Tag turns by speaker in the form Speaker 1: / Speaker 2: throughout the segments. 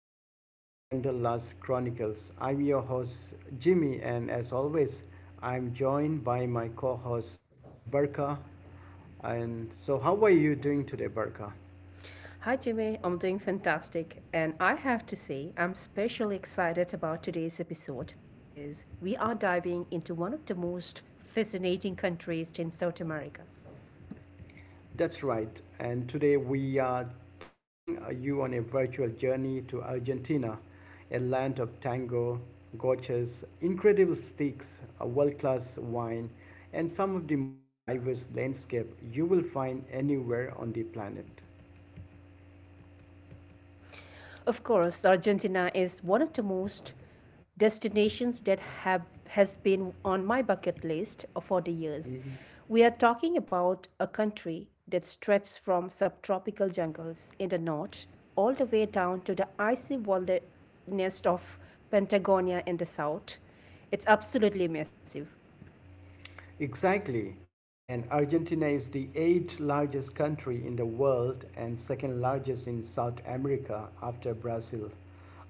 Speaker 1: episode of Wanderlust Chronicles. I'm your host, Jimmy, and as always, I'm joined by my co host, Barka. And so, how are you doing today, Barka?
Speaker 2: Hi, Jimmy. I'm doing fantastic. And I have to say, I'm especially excited about today's episode because we are diving into one of the most fascinating countries in South America.
Speaker 1: That's right. And today we are taking you on a virtual journey to Argentina, a land of tango, gorgeous, incredible steaks, a world-class wine, and some of the most diverse landscape you will find anywhere on the planet.
Speaker 2: Of course, Argentina is one of the most destinations that have has been on my bucket list for the years.
Speaker 1: Mhm.
Speaker 2: We are talking about a country that stretches from subtropical jungles in the north all the way down to the icy wilderness of Patagonia in the south. It's absolutely massive.
Speaker 1: Exactly. And Argentina is the eighth largest country in the world and second largest in South America after Brazil.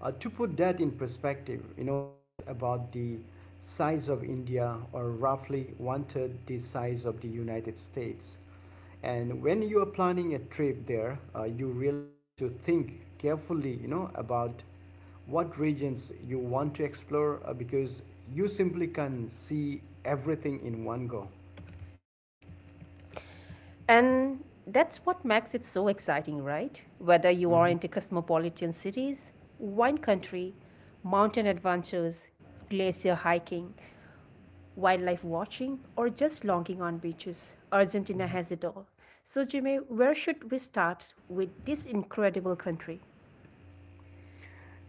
Speaker 1: To put that in perspective, you know, it's about the size of India or roughly one third the size of the United States. And when you are planning a trip there, you really need to think carefully, you know, about what regions you want to explore because you simply can see everything in one go.
Speaker 2: And that's what makes it so exciting, right? Whether you are
Speaker 1: Mhm.
Speaker 2: into cosmopolitan cities, wine country, mountain adventures, glacier hiking, wildlife watching, or just longing on beaches, Argentina has it all. So, Jimmy, where should we start with this incredible country?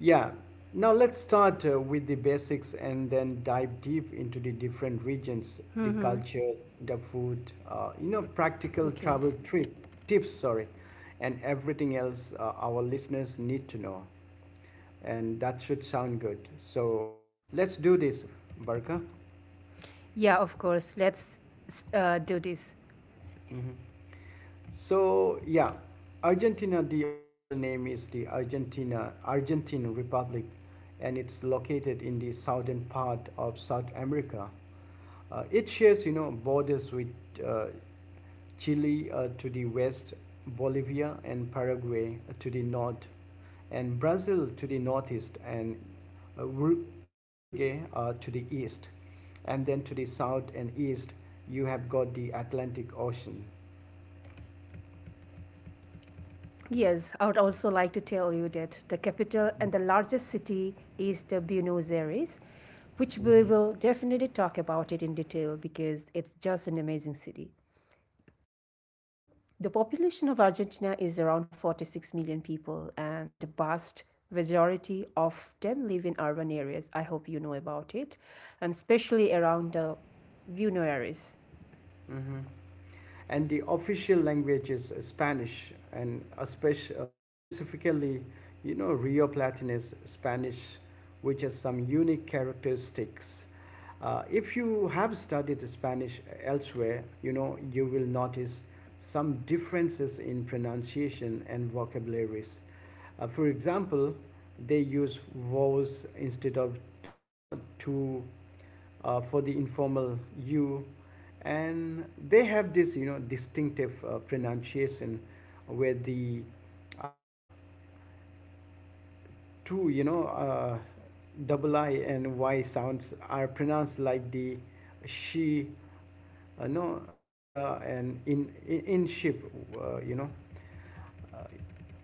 Speaker 1: Yeah. Now let's start with the basics and then dive deep into the different regions, the culture, the food, you know, practical
Speaker 2: Okay.
Speaker 1: travel trip tips, sorry, and everything else our listeners need to know. And that should sound good. So let's do this, Barka.
Speaker 2: Yeah, of course. Let's do this.
Speaker 1: Mhm. So yeah, Argentina. The official name is the Argentina Argentine Republic, and it's located in the southern part of South America. It shares, you know, borders with uh, Chile to the west, Bolivia and Paraguay to the north, and Brazil to the northeast, and uh, Ur- Uruguay to the east, and then to the south and east, you have got the Atlantic Ocean.
Speaker 2: Yes, I would also like to tell you that the capital and the largest city is the Buenos Aires, which we
Speaker 1: Mhm.
Speaker 2: will definitely talk about it in detail because it's just an amazing city. The population of Argentina is around 46 million people, and the vast majority of them live in urban areas. I hope you know about it, and especially around the Buenos Aires.
Speaker 1: Mhm. And the official language is Spanish, and specifically, you know, Rio Platinus Spanish, which has some unique characteristics. If you have studied Spanish elsewhere, you know, you will notice some differences in pronunciation and vocabularies. For example, they use vos instead of, you know, to for the informal you, and they have this, you know, distinctive pronunciation where the uh, two, you know, double I and y sounds are pronounced like the she, no sha, and in in ship, you know, uh,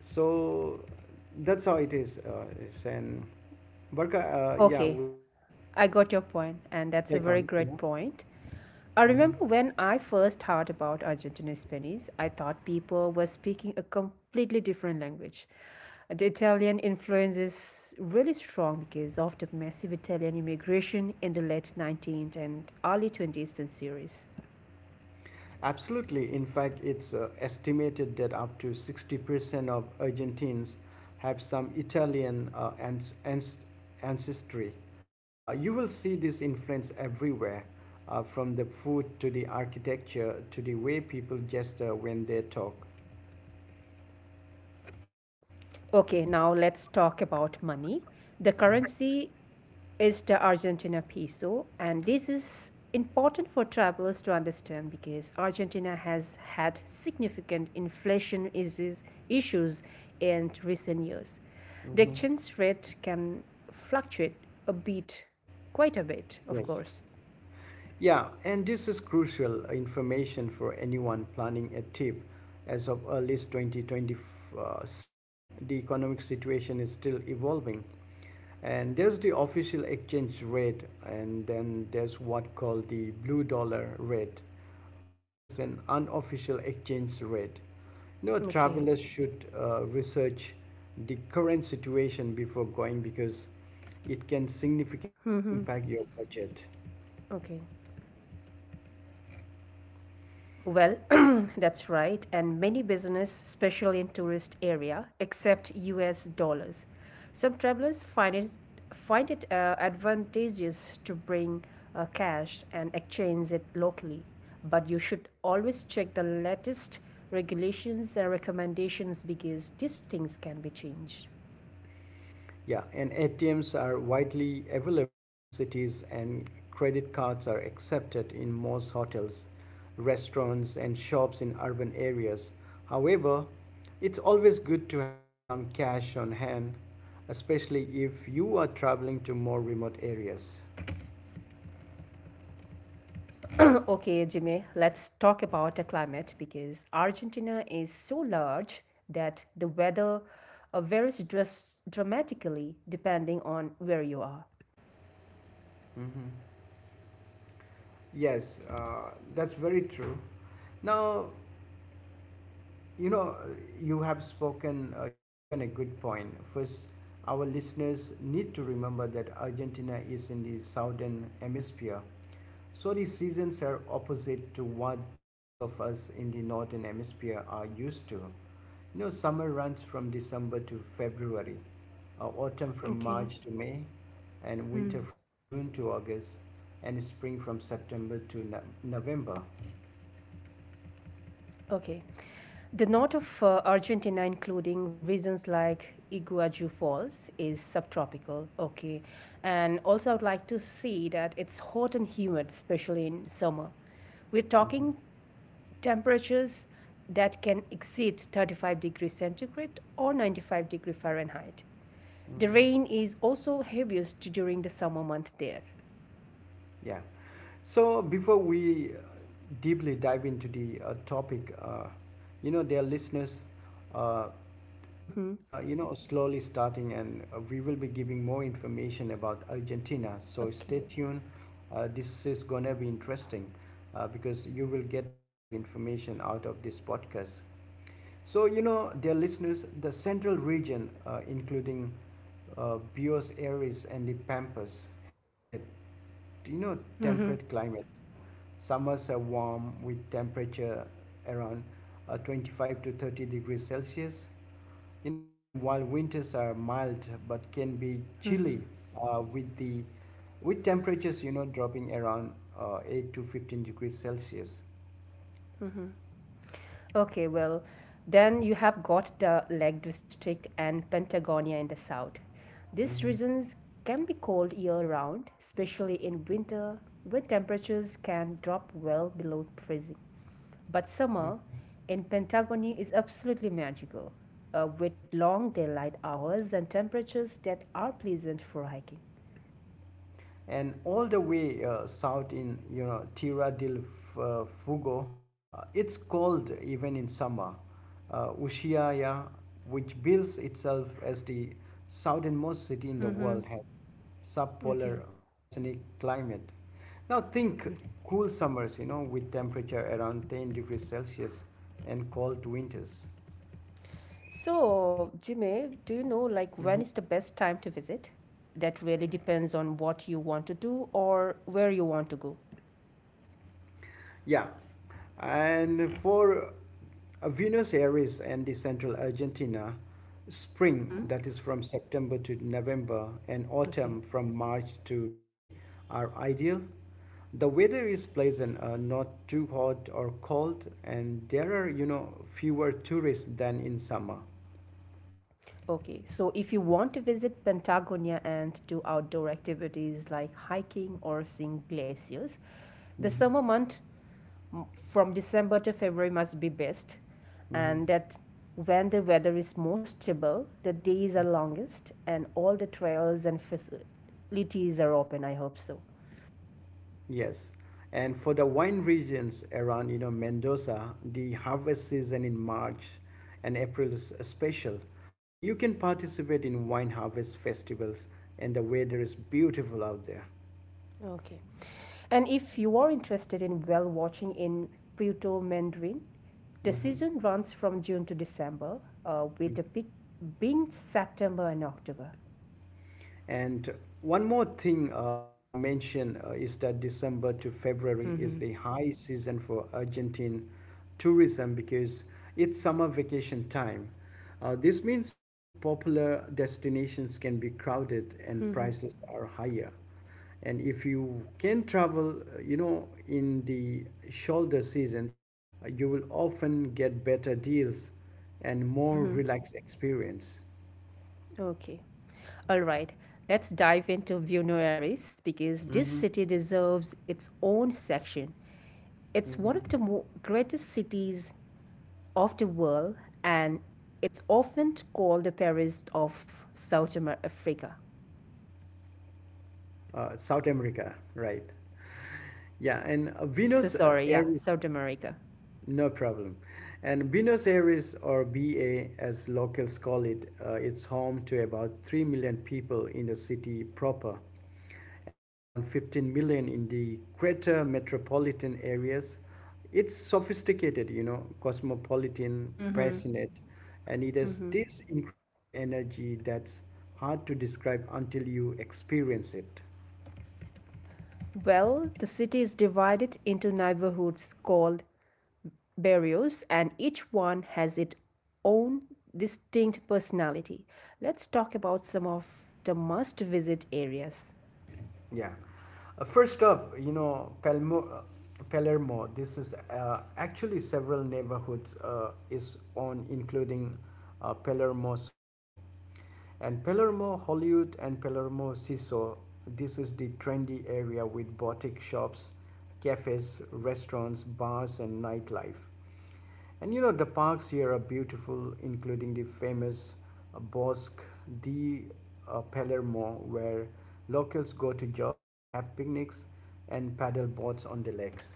Speaker 1: so that's how it is, and Barka, yeah,
Speaker 2: Okay,
Speaker 1: would
Speaker 2: I got your point, and that's a
Speaker 1: take
Speaker 2: very
Speaker 1: on, you
Speaker 2: great
Speaker 1: know.
Speaker 2: point. I
Speaker 1: Mhm.
Speaker 2: remember when I first heard about Argentine Spanish, I thought people were speaking a completely different language. The Italian influence is really strong because of the massive Italian immigration in the late 19th and early 20th centuries.
Speaker 1: Absolutely. In fact, it's estimated that up to 60% of Argentines have some Italian ancestry. You will see this influence everywhere, from the food to the architecture to the way people gesture when they talk.
Speaker 2: Okay, now let's talk about money. The currency is the Argentina peso. And this is important for travelers to understand because Argentina has had significant issues in recent years. The
Speaker 1: Mhm.
Speaker 2: exchange rate can fluctuate a bit, quite a bit, of
Speaker 1: Yes.
Speaker 2: course.
Speaker 1: Yeah, and this is crucial information for anyone planning a trip. As of early 2026, the economic situation is still evolving, and there's the official exchange rate, and then there's what called the blue dollar rate, which is an unofficial exchange rate. No
Speaker 2: Okay.
Speaker 1: travelers should research the current situation before going, because it can significantly
Speaker 2: Mm-hmm.
Speaker 1: impact your budget.
Speaker 2: Okay. Well, that's right, and many business, especially in tourist area, accept US dollars. Some travelers find it advantageous to bring cash and exchange it locally, but you should always check the latest regulations and recommendations because these things can be changed.
Speaker 1: Yeah, and ATMs are widely available in cities, and credit cards are accepted in most hotels, restaurants, and shops in urban areas. However, it's always good to have some cash on hand, especially if you are traveling to more remote areas.
Speaker 2: Okay, Jimmy, let's talk about the climate because Argentina is so large that the weather dramatically depending on where you are.
Speaker 1: Mm-hmm. Yes, that's very true. Now, you know, you have spoken, you have given a good point. First, our listeners need to remember that Argentina is in the southern hemisphere. So the seasons are opposite to what those of us in the northern hemisphere are used to. You know, summer runs from December to February, autumn from
Speaker 2: Okay.
Speaker 1: March to May, and winter from June to August, and spring from September to November.
Speaker 2: Okay. The north of Argentina, including regions like Iguazu Falls, is subtropical. Okay. And also, I would like to see that it's hot and humid, especially in summer. We're
Speaker 1: Hmm.
Speaker 2: talking temperatures that can exceed 35 degrees centigrade or 95 degrees Fahrenheit. The
Speaker 1: Hmm.
Speaker 2: rain is also heaviest during the summer month there.
Speaker 1: Yeah. So before we deeply dive into the topic, you know, dear listeners, uh,
Speaker 2: Mm-hmm.
Speaker 1: we are, you know, slowly starting, and we will be giving more information about Argentina, so
Speaker 2: Okay.
Speaker 1: stay tuned. This is going to be interesting, because you will get lots of information out of this podcast. So, you know, dear listeners, the central region, including Buenos Aires and the pampas, has a, you know,
Speaker 2: Mm-hmm.
Speaker 1: temperate climate. Summers are warm with temperature around 25 to 30 degrees Celsius, you know, and while winters are mild but can be chilly, with the with temperatures, you know, dropping around 8 to 15 degrees Celsius.
Speaker 2: Okay, well, then you have got the Lake District and Patagonia in the south. These
Speaker 1: Mhm.
Speaker 2: regions can be cold year round, especially in winter when temperatures can drop well below freezing. But
Speaker 1: Mhm.
Speaker 2: summer in Pentagony is absolutely magical, with long daylight hours and temperatures that are pleasant for hiking.
Speaker 1: And all the way south in, you know, Tierra del Fuego, it's cold even in summer. Ushuaia, which bills itself as the southernmost city in the world,
Speaker 2: Mm-hmm.
Speaker 1: has subpolar
Speaker 2: Okay.
Speaker 1: oceanic climate. Now think cool summers, you know, with temperature around 10 degrees Celsius and cold winters.
Speaker 2: So, Jimmy, do you know like when is the best time to visit? That really depends on what you want to do or where you want to go.
Speaker 1: Yeah, and for Buenos Aires and the central Argentina, spring,
Speaker 2: Mm-hmm.
Speaker 1: that is from September to November, and
Speaker 2: Okay.
Speaker 1: autumn from March to May, are ideal. The weather is pleasant, not too hot or cold, and there are, you know, fewer tourists than in summer.
Speaker 2: Okay, so if you want to visit Patagonia and do outdoor activities like hiking or seeing glaciers, the
Speaker 1: Hmm.
Speaker 2: summer month from December to February must be best,
Speaker 1: Hmm.
Speaker 2: and that when the weather is most stable, the days are longest, and all the trails and facilities are open. I hope so.
Speaker 1: Yes. And for the wine regions around, you know, Mendoza, the harvest season in March and April is special. You can participate in wine harvest festivals, and the weather is beautiful out there.
Speaker 2: Okay. And if you are interested in whale watching in Puerto Mandarin, the
Speaker 1: Hmm.
Speaker 2: season runs from June to December, with the peak being September and October.
Speaker 1: And one more thing to mention is that December to February is
Speaker 2: Mm-hmm.
Speaker 1: the high season for Argentine tourism, because it's summer vacation time. This means, you know, popular destinations can be crowded and
Speaker 2: Mm-hmm.
Speaker 1: prices are higher. And if you can travel, you know, in the shoulder seasons, you will often get better deals and more
Speaker 2: Mm-hmm.
Speaker 1: relaxed experience.
Speaker 2: Okay. All right, let's dive into Buenos Aires because this
Speaker 1: Mm-hmm.
Speaker 2: city deserves its own section. It's one
Speaker 1: Mm-hmm.
Speaker 2: of the greatest cities of the world, and it's often called the Paris of Africa.
Speaker 1: South America, right? Yeah, and
Speaker 2: Oh, so
Speaker 1: Buenos
Speaker 2: sorry, yeah,
Speaker 1: Aires,
Speaker 2: South America.
Speaker 1: no problem. And Buenos Aires, or BA as locals call it, it's home to about 3 million people in the city proper and around 15 million in the greater metropolitan areas. It's sophisticated, you know, cosmopolitan,
Speaker 2: Hmm.
Speaker 1: passionate, and it has
Speaker 2: Hmm.
Speaker 1: this incredible energy that's hard to describe until you experience it.
Speaker 2: Well, the city is divided into neighborhoods called barrios, and each one has its own distinct personality. Let's talk about some of the must visit areas.
Speaker 1: Yeah. First up, you know, Palermo, this is actually several neighborhoods is on, including Palermo Soho. And Palermo Hollywood and Palermo Siso, this is the trendy area with boutique shops, cafes, restaurants, bars, and nightlife. And, you know, the parks here are beautiful, including the famous Bosque di Palermo, where locals go to jog, have picnics, and paddle boats on the lakes.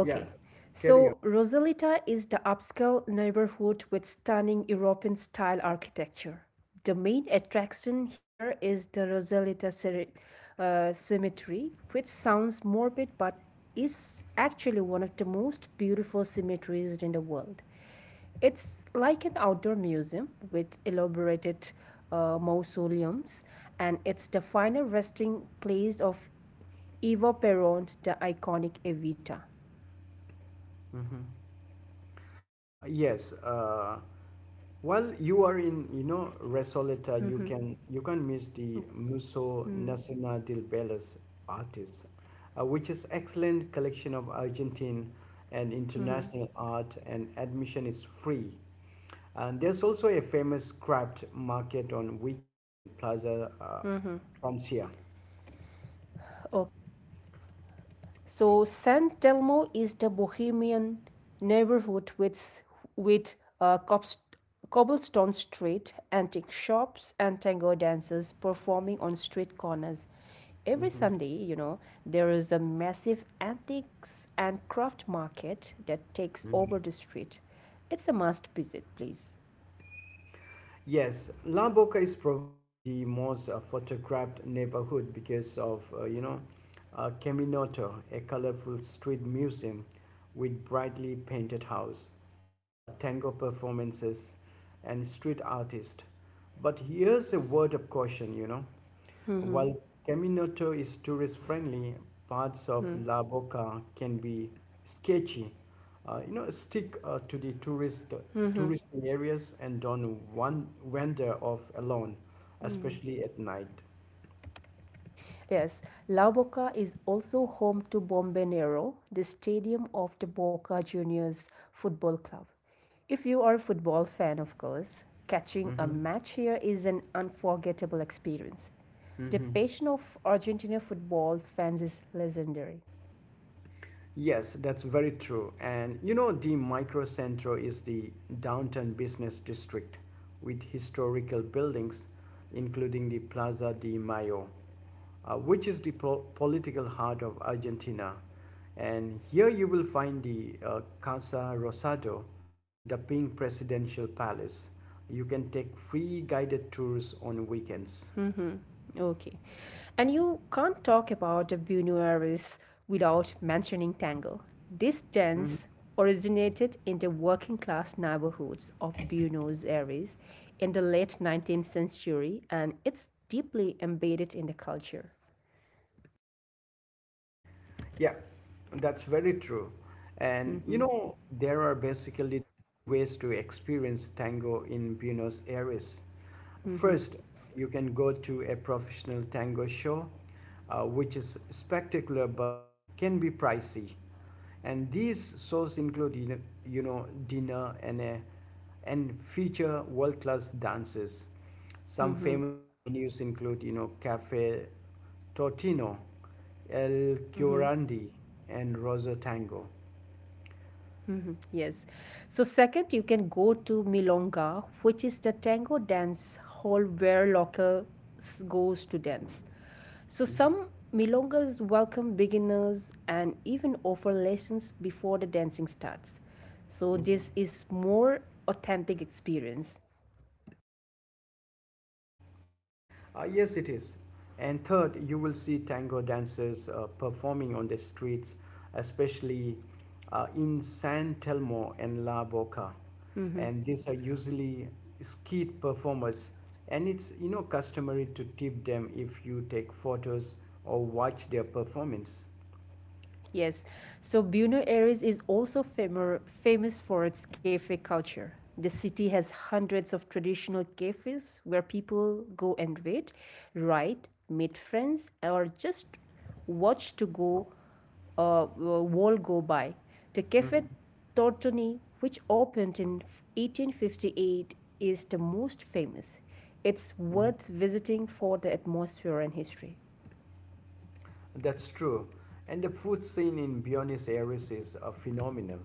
Speaker 1: Yeah, carry on.
Speaker 2: So Rosalita is the upscale neighborhood with stunning European style architecture. The main attraction here is the Rosalita Cemetery, which sounds morbid but is actually one of the most beautiful cemeteries in the world. It's like an outdoor museum with elaborated mausoleums, and it's the final resting place of Eva Peron, the iconic Evita.
Speaker 1: Mhm. Yes, well, you are in, you know, Resoleta. You can miss the Museo Nacional del Bellas Artes, which is excellent collection of Argentine and international art, and admission is free. And there's also a famous craft market on weekends in Plaza Francia.
Speaker 2: So San Telmo is the bohemian neighborhood with uh, cobblestone street, antique shops, and tango dancers performing on street corners. Every
Speaker 1: Mhm.
Speaker 2: Sunday, there is a massive antiques and craft market that takes over the street. It's a must visit, please.
Speaker 1: Yes, La Boca is probably the most photographed neighborhood because of, you know, Caminoto, a colorful street museum with brightly painted house, tango performances, and street artist. But here's a word of caution, you know.
Speaker 2: Mm-hmm.
Speaker 1: While Caminoto is tourist friendly, parts of La Boca can be sketchy. You know, stick to the touristy areas, and don't one wander off alone, especially at night.
Speaker 2: Yes, La Boca is also home to Bombanero, the stadium of the Boca Juniors Football Club. If you are a football fan, of course, catching a
Speaker 1: Mm-hmm.
Speaker 2: match here is an unforgettable experience. The
Speaker 1: Mm-hmm.
Speaker 2: passion of Argentina football fans is legendary.
Speaker 1: Yes, that's very true. And, you know, the Microcentro is the downtown business district with historical buildings, including the Plaza de Mayo, which is the political heart of Argentina. And here you will find the Casa Rosado, the pink presidential palace. You can take free guided tours on weekends.
Speaker 2: Mm-hmm. Okay. And you can't talk about Buenos Aires without mentioning tango. This
Speaker 1: Mm-hmm.
Speaker 2: dance originated in the working class neighborhoods of Buenos Aires in the late 19th century, and it's deeply embedded in the culture.
Speaker 1: Yeah, that's very true. And, you
Speaker 2: Mm-hmm.
Speaker 1: know, there are basically three ways to experience tango in Buenos Aires.
Speaker 2: Mm-hmm.
Speaker 1: First, you can go to a professional tango show, which is spectacular but can be pricey. And these shows include, you know, dinner and, a, and feature world class dancers. Some famous venues include, you know, Cafe Totino, El Curandi, and Rosa Tango.
Speaker 2: Mhm. Yes. So second, you can go to Milonga, which is the tango dance hall where locals goes to dance. So
Speaker 1: Mm-hmm.
Speaker 2: some milongas welcome beginners and even offer lessons before the dancing starts. So
Speaker 1: Mm-hmm.
Speaker 2: this is more authentic experience.
Speaker 1: Yes, it is. And third, you will see tango dancers performing on the streets, especially in San Telmo and La Boca.
Speaker 2: Mm-hmm.
Speaker 1: And these are usually skilled performers. And it's, you know, customary to tip them if you take photos or watch their performance.
Speaker 2: Yes. So Buenos Aires is also famous for its cafe culture. The city has hundreds of traditional cafes where people go and read, write, meet friends, or just watch to go wall go by. The Cafe
Speaker 1: Mm-hmm.
Speaker 2: Tortoni, which opened in 1858, is the most famous. It's
Speaker 1: Mm-hmm.
Speaker 2: worth visiting for the atmosphere and history.
Speaker 1: That's true. And the food scene in Buenos Aires is phenomenal.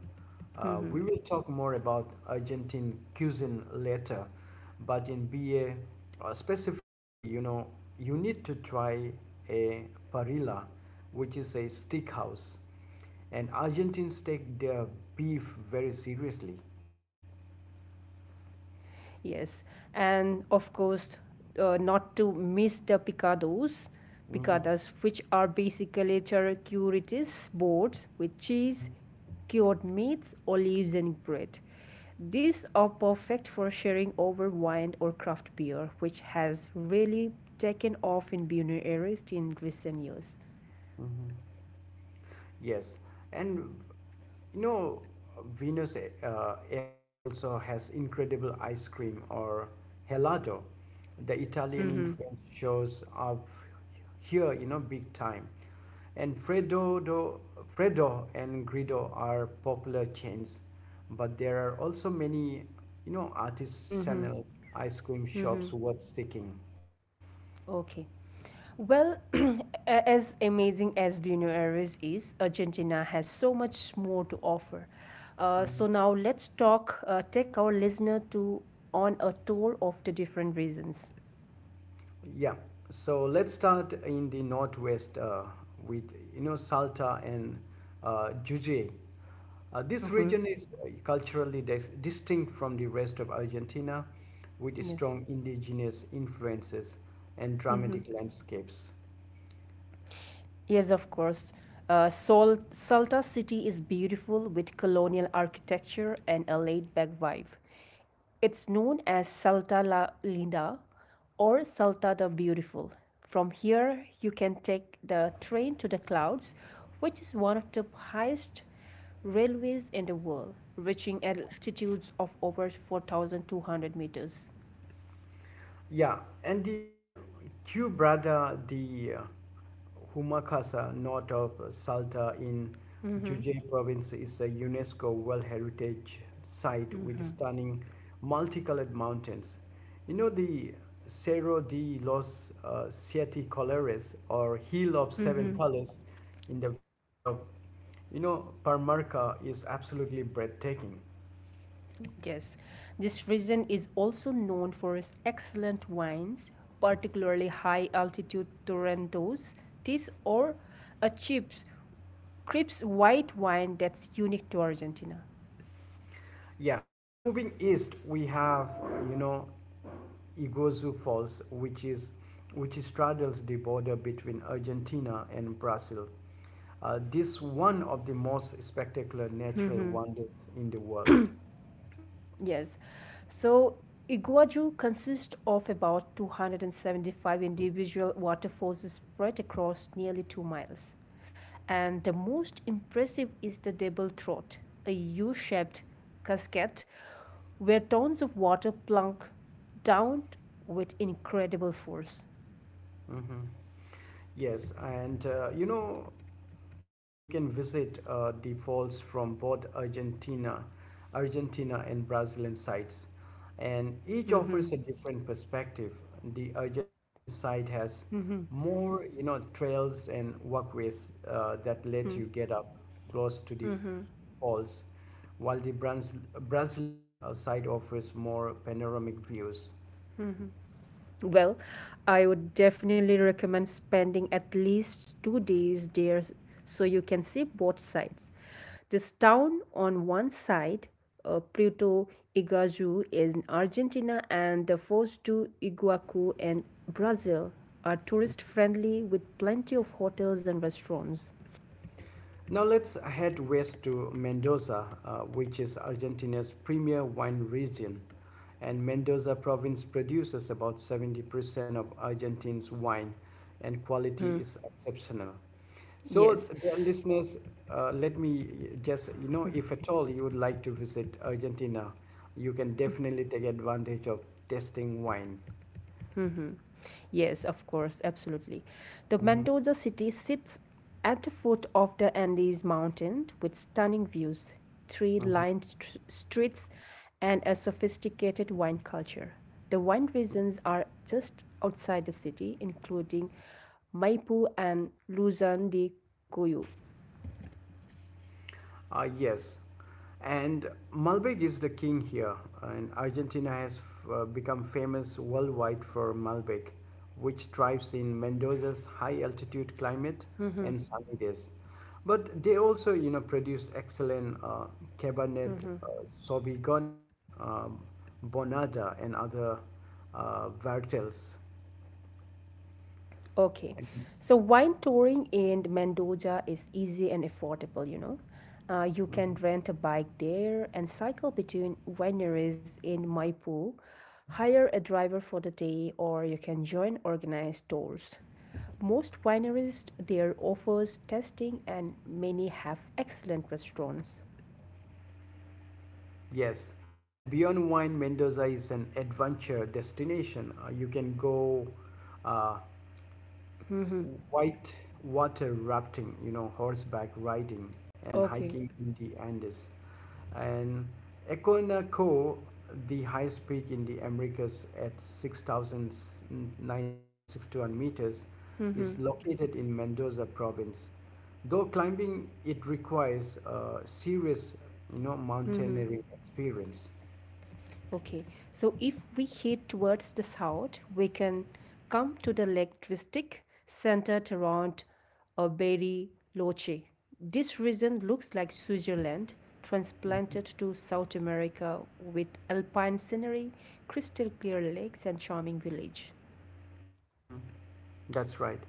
Speaker 2: Mm-hmm.
Speaker 1: We will talk more about Argentine cuisine later, but in BA specifically, you know, you need to try a parrilla, which is a steak house. And Argentines take their beef very seriously.
Speaker 2: Yes, and of course, not to miss the
Speaker 1: Mm-hmm.
Speaker 2: picadas, which are basically charcuterie boards with cheese, cured meats, olives, and bread. These are perfect for sharing over wine or craft beer, which has really taken off in Buenos Aires in recent years.
Speaker 1: Mm-hmm. Yes, and, you know, Venus Aires also has incredible ice cream or gelato. The Italian
Speaker 2: Mm-hmm.
Speaker 1: influence shows up here, you know, big time. And Freddo and Grido are popular chains, but there are also many, you know,
Speaker 2: Mm-hmm.
Speaker 1: artisanal ice cream shops
Speaker 2: Mm-hmm.
Speaker 1: worth seeking.
Speaker 2: Okay. Well, as amazing as Buenos Aires is, Argentina has so much more to offer. So now let's take our listener to on a tour of the different reasons.
Speaker 1: Yeah, so let's start in the northwest with, you know, Salta and Jujuy. This
Speaker 2: Mm-hmm.
Speaker 1: region is culturally distinct from the rest of Argentina with
Speaker 2: Yes.
Speaker 1: strong indigenous influences and dramatic
Speaker 2: Mm-hmm.
Speaker 1: landscapes.
Speaker 2: Yes, of course. Salta City is beautiful with colonial architecture and a laid back vibe. It's known as Salta La Linda or Salta the Beautiful. From here, you can take the train to the clouds, which is one of the highest railways in the world, reaching altitudes of over 4,200 meters.
Speaker 1: Yeah, and the Quebrada de Humacasa, north of Salta in Juche province, is a UNESCO World Heritage Site with stunning multicolored mountains. The Cerro de los Siete Colores, or Hill of Seven Colors, in the village of, Parmarca is absolutely breathtaking.
Speaker 2: Yes, this region is also known for its excellent wines, particularly high altitude Torontos, tis or a chips, crisp white wine that's unique to Argentina.
Speaker 1: Yeah, now moving east, we have, Iguazu Falls, which straddles the border between Argentina and Brazil. This is one of the most spectacular natural wonders in the world.
Speaker 2: Yes. So Iguazu consists of about 275 individual waterfalls spread across nearly 2 miles. And the most impressive is the double throat, a U-shaped cascade where tons of water plunk down with incredible force.
Speaker 1: Mhm. Yes, and you can visit the falls from both Argentina and Brazilian sites, and each offers a different perspective. The Argentine side has more, you know, trails and walkways that let you get up close to the falls, while the Brazilian side offers more panoramic views.
Speaker 2: Well, I would definitely recommend spending at least 2 days there so you can see both sides. This town on one side, Puerto Iguazu in Argentina, and the forts to Iguacu in Brazil are tourist friendly with plenty of hotels and restaurants.
Speaker 1: Now let's head west to Mendoza, which is Argentina's premier wine region. And Mendoza province produces about 70% of Argentina's wine, and quality is exceptional. So,
Speaker 2: Yes,
Speaker 1: dear listeners, let me just, you know, if at all you would like to visit Argentina, you can definitely take advantage of tasting wine.
Speaker 2: yes, of course, absolutely. The
Speaker 1: Mhm,
Speaker 2: Mendoza city sits at the foot of the Andes Mountain with stunning views, tree
Speaker 1: mhm.
Speaker 2: lined streets, and a sophisticated wine culture. The wine regions are just outside the city, including Maipú and Luzon de Cuyo.
Speaker 1: Yes, and Malbec is the king here, and Argentina has become famous worldwide for Malbec, which thrives in Mendoza's high altitude climate and sunny days. But they also, you know, produce excellent Cabernet Sauvignon, um, Bonada, and other varietals.
Speaker 2: Okay.
Speaker 1: And,
Speaker 2: So wine touring in Mendoza is easy and affordable, you know. You can
Speaker 1: mhm.
Speaker 2: rent a bike there and cycle between wineries in Maipú, hire a driver for the day, or you can join organized tours. Most wineries there offers tasting and many have excellent restaurants.
Speaker 1: Yes, and beyond wine, Mendoza is an adventure destination. You can go uh,
Speaker 2: Mm-hmm.
Speaker 1: white water rafting, you know, horseback riding, and
Speaker 2: Okay.
Speaker 1: hiking in the Andes. And Econaco, the highest peak in the Americas at 6,961 meters, is
Speaker 2: Mm-hmm.
Speaker 1: located in Mendoza province. Though climbing, it requires a serious, you know,
Speaker 2: Mm-hmm.
Speaker 1: mountaineering experience.
Speaker 2: Okay, so if we head towards the south, we can come to the Lake District centered around Berry. This region looks like Switzerland transplanted to South America with alpine scenery, crystal clear lakes, and charming village.
Speaker 1: Hmm. That's right.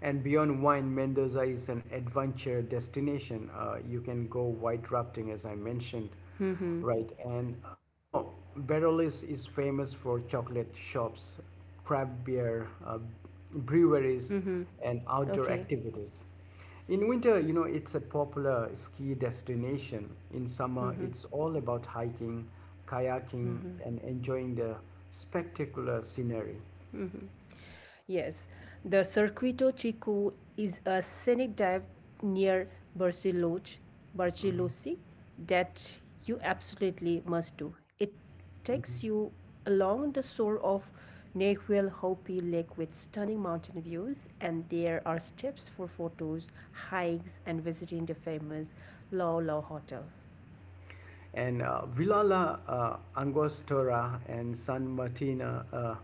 Speaker 1: And beyond wine, Mendoza is an adventure destination. You can go white rafting, as I mentioned,
Speaker 2: Mm-hmm.
Speaker 1: right? And Barreles is famous for chocolate shops, craft beer, breweries,
Speaker 2: Mm-hmm.
Speaker 1: and outdoor
Speaker 2: Okay.
Speaker 1: activities. In winter, you know, it's a popular ski destination. In summer,
Speaker 2: Mm-hmm.
Speaker 1: it's all about hiking, kayaking, and enjoying the spectacular scenery.
Speaker 2: Mm-hmm. Yes, the Circuito Chico is a scenic dive near
Speaker 1: Hmm.
Speaker 2: Barcelosi that you absolutely must do. It takes you
Speaker 1: Hmm.
Speaker 2: along the shore of Nahuel Huapi Lake with stunning mountain views, and there are steps for photos, hikes, and visiting the famous Lao Lao Hotel.
Speaker 1: And Vilala Angostura and San Martin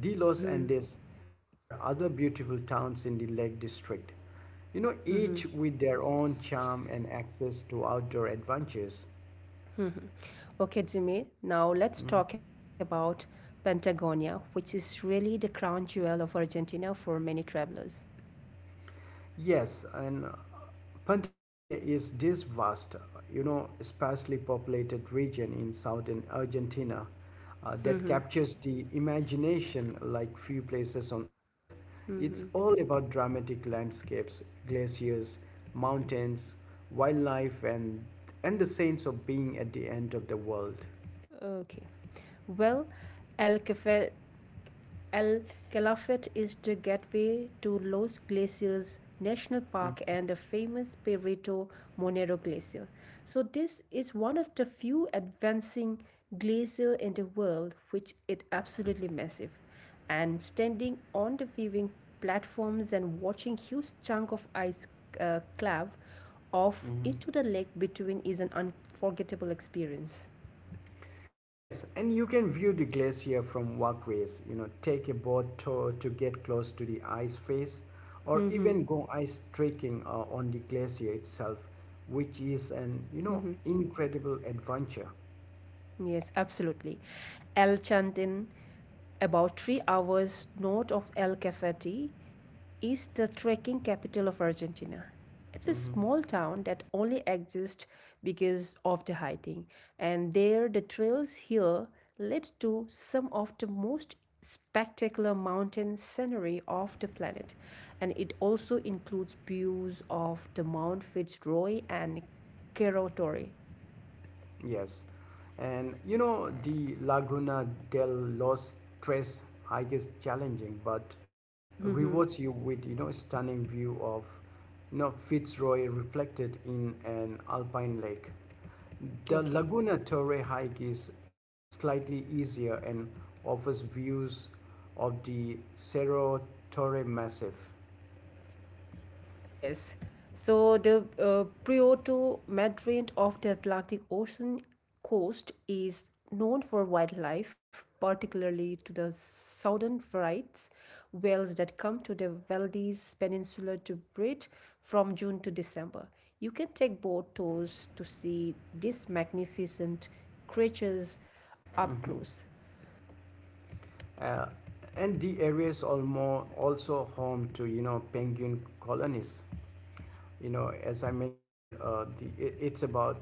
Speaker 1: de los Andes are other beautiful towns in the Lake District. You know, each
Speaker 2: Mm-hmm.
Speaker 1: with their own charm and access to outdoor adventures.
Speaker 2: Okay, Jimmy, now let's
Speaker 1: Mm.
Speaker 2: talk about Patagonia, which is really the crown jewel of Argentina for many travelers.
Speaker 1: Yes, and Patagonia is this vast, you know, sparsely populated region in southern Argentina that
Speaker 2: Mm-hmm.
Speaker 1: captures the imagination like few places on earth. It's all about dramatic landscapes, glaciers, mountains, wildlife, and the sense of being at the end of the world.
Speaker 2: Okay. Well, El Cafe Al Calafate is the gateway to Los Glaciers National Park and the famous Perito Monero Glacier. So, this is one of the few advancing glacier in the world, which is absolutely massive. And standing on the viewing platforms and watching huge chunk of ice calve off
Speaker 1: Mhm.
Speaker 2: into the lake between is an unforgettable experience.
Speaker 1: Yes, and you can view the glacier from walkways, you know, take a boat tour to get close to the ice face, or even go ice trekking on the glacier itself, which is an, you know, incredible adventure.
Speaker 2: Yes, absolutely. El Chantin, about 3 hours north of El Cafeti, is the trekking capital of Argentina. It's a
Speaker 1: Hmm.
Speaker 2: small town that only exists because of the hiking, and there the trails here lead to some of the most spectacular mountain scenery of the planet, and it also includes views of the Mount Fitzroy and Cerro Torre.
Speaker 1: Yes. And, you know, the Laguna del Los Tres hike is challenging, but
Speaker 2: Hmm.
Speaker 1: rewards you with, you know, stunning view of, you know, Fitzroy reflected in an alpine lake. The
Speaker 2: Okay.
Speaker 1: Laguna Torre hike is slightly easier and offers views of the Cerro Torre Massif.
Speaker 2: Yes. So the Puerto Madryn of the Atlantic Ocean coast is known for wildlife, particularly to the southern varieties, whales that come to the Valdez Peninsula to breed from June to December. You can take boat tours to see these magnificent creatures up
Speaker 1: Mhm.
Speaker 2: close.
Speaker 1: Uh, and the area is also home to you know penguin colonies. You know, as I mentioned, it's about,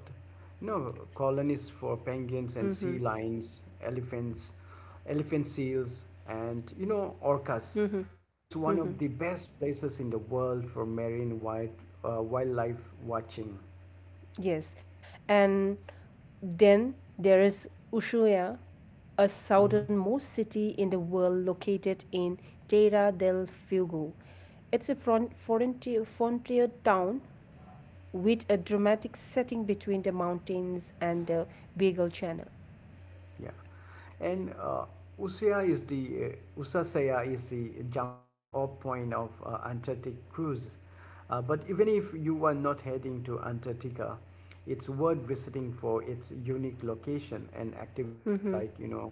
Speaker 1: you know, colonies for penguins and
Speaker 2: Mm-hmm.
Speaker 1: sea lions, elephants, elephant seals, and, you know, orcas.
Speaker 2: Mm-hmm.
Speaker 1: It's one of the best places in the world for marine wildlife watching.
Speaker 2: Yes. And then there is Ushuaia, a
Speaker 1: Hmm.
Speaker 2: southernmost city in the world located in Terra del Fuego. It's a frontier town with a dramatic setting between the mountains and the Beagle Channel.
Speaker 1: Yeah. And Usea is the Usasea is the jumping off point of Antarctic cruise. But even if you are not heading to Antarctica, it's worth visiting for its unique location and activities like you know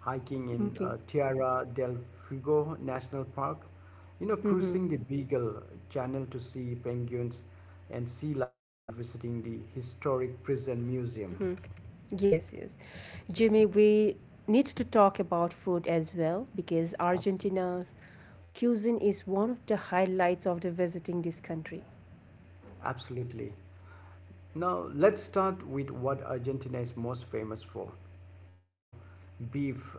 Speaker 1: hiking in
Speaker 2: Okay.
Speaker 1: Tierra del Fuego National Park, you know cruising the Beagle Channel to see penguins and sea lions and visiting the historic prison museum.
Speaker 2: Yes, yes. Jimmy, we need to talk about food as well because
Speaker 1: Absolutely.
Speaker 2: Argentina's cuisine is one of the highlights of the visiting this country.
Speaker 1: Absolutely. Now let's start with what Argentina is most famous for, you know, beef.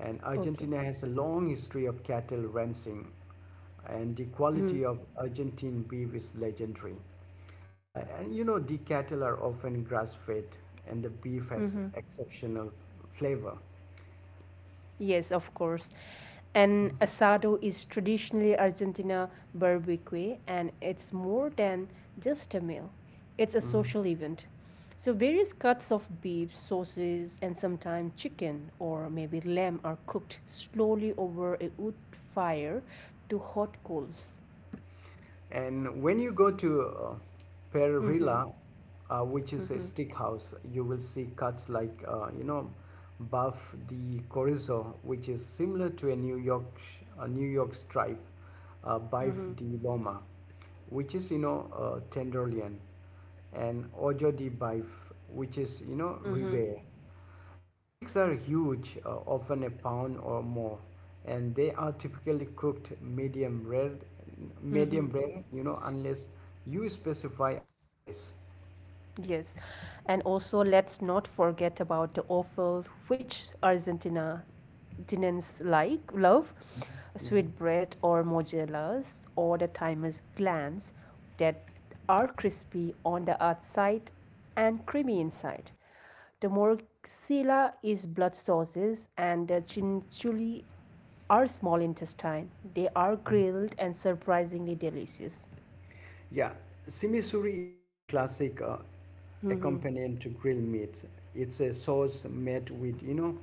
Speaker 1: And
Speaker 2: Okay.
Speaker 1: Argentina has a long history of cattle ranching, and the quality of Argentine beef is legendary. And you know, the cattle are often grass-fed, and the beef has
Speaker 2: Mhm.
Speaker 1: exceptional flavor.
Speaker 2: Yes, of course. And
Speaker 1: Mhm.
Speaker 2: asado is traditionally Argentina barbecue, and it's more than just a meal. It's a
Speaker 1: Mhm.
Speaker 2: social event. So various cuts of beef, sauces, and sometimes chicken or maybe lamb are cooked slowly over a wood fire to hot coals.
Speaker 1: And when you go to Perilla, which is a stick house, you will see cuts like, you know, buff the chorizo, which is similar to a a New York stripe, bife de loma, which is, you know, tenderloin, and ojo de bife, which is, you know, ribeye. The sticks are huge, often a pound or more, and they are typically cooked medium rare, you know, unless you specify otherwise.
Speaker 2: Yes. And also, let's not forget about the offal, which Argentina Argentinians like, love,
Speaker 1: Mhm.
Speaker 2: sweetbread or mozzarellas or the thymus glands that are crispy on the outside and creamy inside. The morcilla is blood sauces and the chinchulli are small intestine. They are grilled and surprisingly delicious.
Speaker 1: Yeah, simisuri is the classic accompaniment to grilled meats. It's a sauce made with, you know,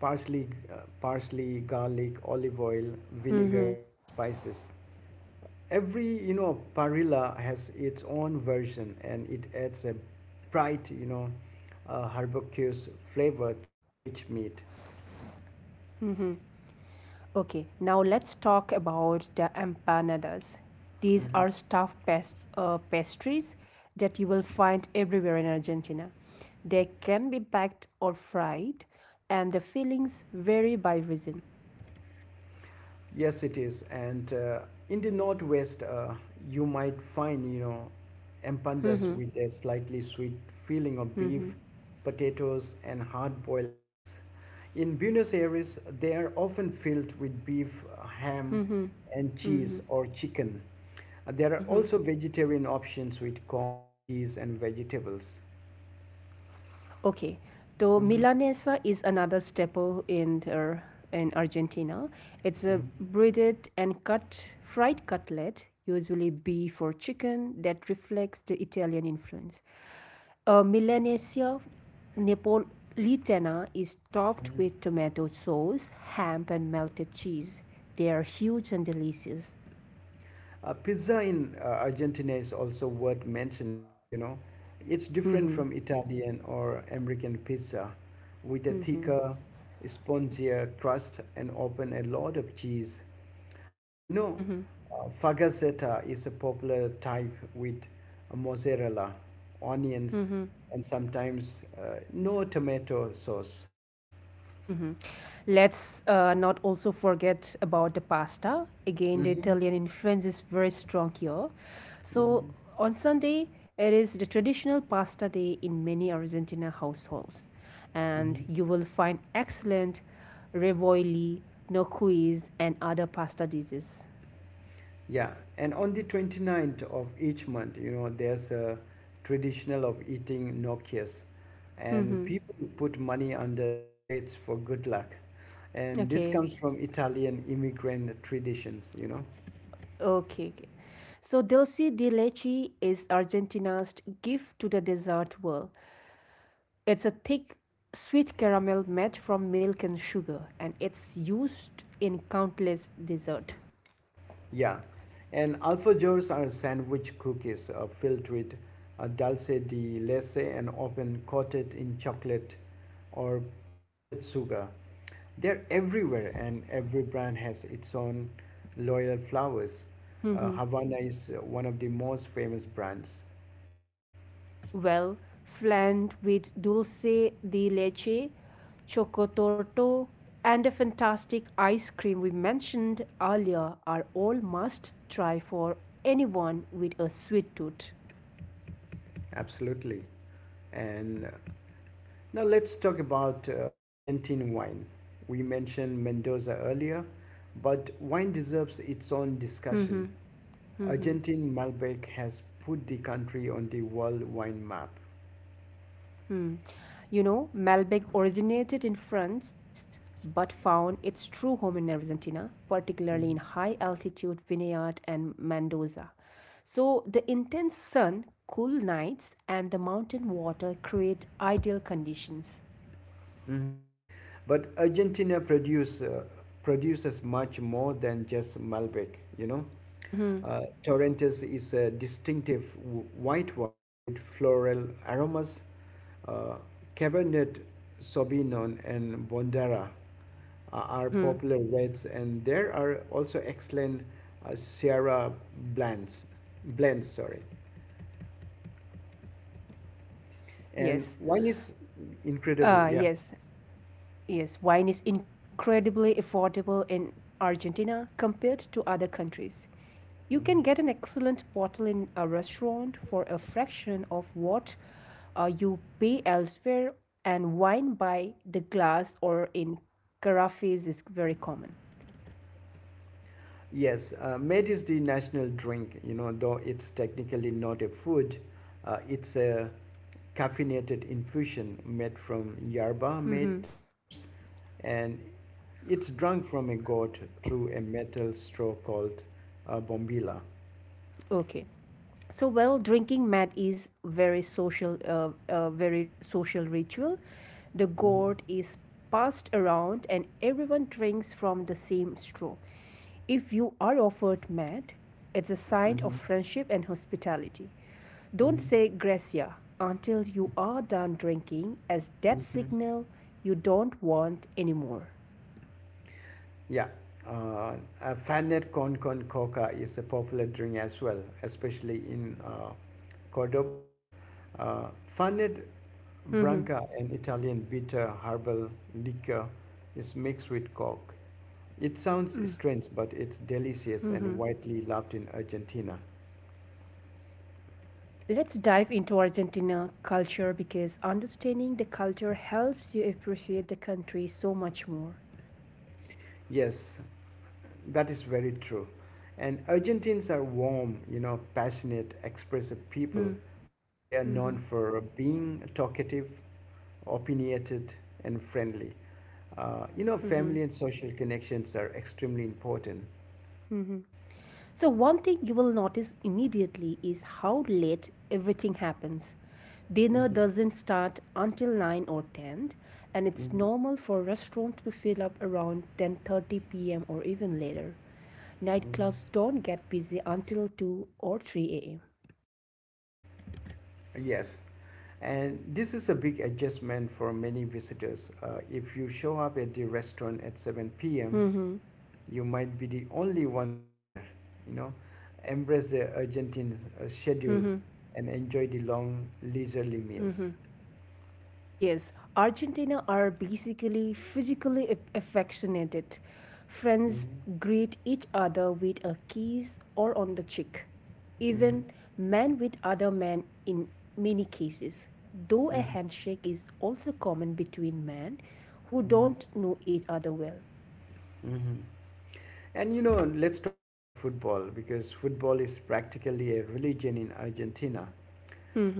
Speaker 1: parsley, garlic, olive oil, vinegar, and spices. Every you know parilla has its own version, and it adds a bright you know herbaceous flavor to the rich meat.
Speaker 2: Okay, now let's talk about the empanadas. These
Speaker 1: Mhm.
Speaker 2: are stuffed pastries that you will find everywhere in Argentina. They can be baked or fried, and the fillings vary by region.
Speaker 1: Yes, it is. And in the northwest, you might find, you know, empandas
Speaker 2: Mm-hmm,
Speaker 1: with a slightly sweet feeling of
Speaker 2: mm-hmm,
Speaker 1: beef, potatoes, and hard-boiled eggs. In Buenos Aires, they are often filled with beef, ham,
Speaker 2: mm-hmm,
Speaker 1: and
Speaker 2: mm-hmm,
Speaker 1: cheese or chicken. There are
Speaker 2: mm-hmm.
Speaker 1: also vegetarian options with corn, cheese, and vegetables.
Speaker 2: Okay, so
Speaker 1: Mhm,
Speaker 2: milanesa is another staple in Argentina. It's a
Speaker 1: mhm.
Speaker 2: breaded and cut fried cutlet, usually beef or chicken, that reflects the Italian influence. A milanesa napolitana is topped with tomato sauce, ham, and melted cheese. They are huge and delicious.
Speaker 1: Pizza in Argentina is also worth mentioning, you know. It's different
Speaker 2: Hmm.
Speaker 1: from Italian or American pizza, with a
Speaker 2: Hmm.
Speaker 1: thicker, spongier crust and often a lot of cheese. Uh, you know,
Speaker 2: Hmm.
Speaker 1: fagaceta is a popular type with mozzarella, onions,
Speaker 2: Hmm.
Speaker 1: and sometimes no tomato sauce.
Speaker 2: Mhm. Let's not also forget about the pasta. Again, the
Speaker 1: Hmm.
Speaker 2: Italian influence is very strong here. So
Speaker 1: Hmm.
Speaker 2: on Sunday, it is the traditional pasta day in many Argentina households, and
Speaker 1: Hmm.
Speaker 2: you will find excellent revoli, nocuis, and other pasta dishes.
Speaker 1: Yeah, and on the 29th of each month, you know, there's a traditional of eating nokias, and
Speaker 2: Mhm.
Speaker 1: people put money under their plates for good luck. And this
Speaker 2: Okay.
Speaker 1: comes from Italian immigrant traditions, you know.
Speaker 2: Okay, okay. So dulce de leche is Argentina's gift to the dessert world. It's a thick, sweet caramel made from milk and sugar, and it's used in countless desserts.
Speaker 1: Yeah. And alfajors are sandwich cookies filled with dulce de leche and often coated in chocolate or powdered sugar. They're everywhere, and every brand has its own loyal flowers.
Speaker 2: Mm-hmm.
Speaker 1: Havana is one of the most famous brands.
Speaker 2: Well, flanked with dulce de leche, chocotorto, and the fantastic ice cream we mentioned earlier are all must try for anyone with a sweet tooth.
Speaker 1: Absolutely. And now let's talk about Argentine wine. We mentioned Mendoza earlier, but wine deserves its own discussion.
Speaker 2: Mm-hmm. Mm-hmm.
Speaker 1: Argentine Malbec has put the country on the world wine map.
Speaker 2: Hmm. You know, Malbec originated in France but found its true home in Argentina, particularly in high altitude vineyard and Mendoza. So, the intense sun, cool nights, and the mountain water create ideal conditions.
Speaker 1: Mhm. But produces much more than just Malbec, you know.
Speaker 2: Mm-hmm.
Speaker 1: Torrentes is a distinctive white wine with floral aromas. Uh, Cabernet Sauvignon and Bondara are
Speaker 2: Mm-hmm.
Speaker 1: popular reds, and there are also excellent Sierra blends. Blends, sorry, and
Speaker 2: Yes.
Speaker 1: wine is incredible. Yeah.
Speaker 2: Yes. Yes. Wine is incredibly affordable in Argentina compared to other countries. You can get
Speaker 1: Mhm.
Speaker 2: an excellent bottle in a restaurant for a fraction of what you pay elsewhere, and wine by the glass or in carafes is very common.
Speaker 1: Yes, made is the national drink, you know, though it's technically not a food, it's a caffeinated infusion made from yerba
Speaker 2: Hmm.
Speaker 1: mate leaves and it's drunk from a gourd through a metal straw called a bombilla.
Speaker 2: Okay. So well, drinking mat is very social ritual. The
Speaker 1: Mhm,
Speaker 2: gourd is passed around and everyone drinks from the same straw. If you are offered mat, it's a sign of
Speaker 1: mhm,
Speaker 2: friendship and hospitality. Don't
Speaker 1: mhm,
Speaker 2: say gracia until you are done drinking, as that
Speaker 1: mhm.
Speaker 2: signal you don't want
Speaker 1: Yeah. A fanet con con coca is a popular drink as well, especially in Cordoba. Uh, Fanet
Speaker 2: anymore.
Speaker 1: branca, an Italian bitter herbal liquor, is mixed with coke. It sounds strange, but it's delicious and widely loved in Argentina.
Speaker 2: Let's dive into Argentina culture because understanding the culture helps you appreciate the country so much more.
Speaker 1: Yes, that is very true. And Argentines are warm, you know, passionate, expressive people.
Speaker 2: Mhm,
Speaker 1: They are known for being talkative, opinionated, and friendly. You know,
Speaker 2: mhm.
Speaker 1: family and social connections are extremely important.
Speaker 2: So, one thing you will notice immediately is how late everything happens. Dinner
Speaker 1: Mhm,
Speaker 2: doesn't start until 9 or 10, and it's
Speaker 1: mhm,
Speaker 2: normal for restaurant to fill up around 10:30 p.m. or even later.
Speaker 1: mhm.
Speaker 2: Nightclubs don't get busy until 2 or 3 a.m.
Speaker 1: Yes, and this is a big adjustment for many visitors. If you show up at the restaurant at 7 p.m.,
Speaker 2: Mhm,
Speaker 1: you might be the only ones there, you know. Embrace the schedule and enjoy the long leisurely meals.
Speaker 2: mhm. Yes, Argentina are basically physically affectionate. Friends
Speaker 1: Mm-hmm.
Speaker 2: greet each other with a kiss or on the cheek.
Speaker 1: Mm-hmm.
Speaker 2: Even men with other men in many cases. Though a handshake is also common between men who
Speaker 1: Mm-hmm.
Speaker 2: don't know each other well.
Speaker 1: Mm-hmm. And you know, let's talk about football because football is practically a religion in Argentina.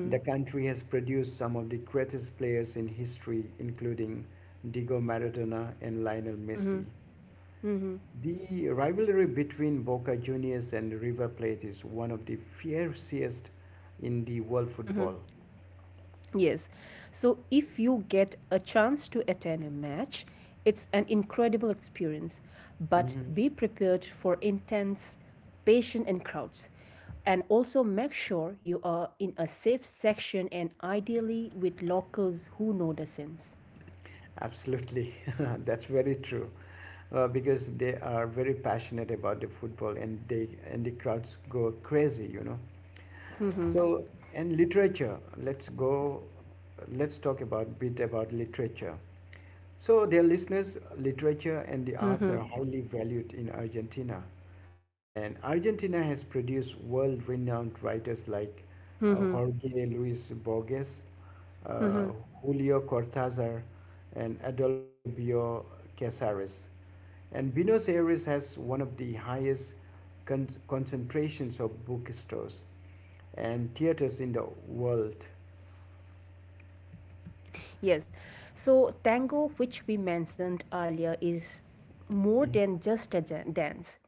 Speaker 1: The country has produced some of the greatest players in history, including Diego Maradona and Lionel Messi. The rivalry between Boca Juniors and River Plate is one of the fiercest in the world football.
Speaker 2: Yes. So if you get a chance to attend a match, it's an incredible experience, but
Speaker 1: Hmm.
Speaker 2: be prepared for intense patient and crowds. And also make sure you are in a safe section and ideally with locals who know the sense.
Speaker 1: Absolutely, that's very true. Because they are very passionate about the football, and the crowds go crazy, you know. So, and literature. Let's go. Let's talk about bit about literature. So, dear listeners, literature and the arts are highly valued in Argentina. And Argentina has produced world-renowned writers like Jorge Luis Borges, uh, Julio Cortázar, and Adolfo Bioy Casares. And Buenos Aires has one of the highest concentrations of bookstores and theaters in the world.
Speaker 2: Yes. So tango, which we mentioned earlier, is more
Speaker 1: Mhm,
Speaker 2: than just a dance.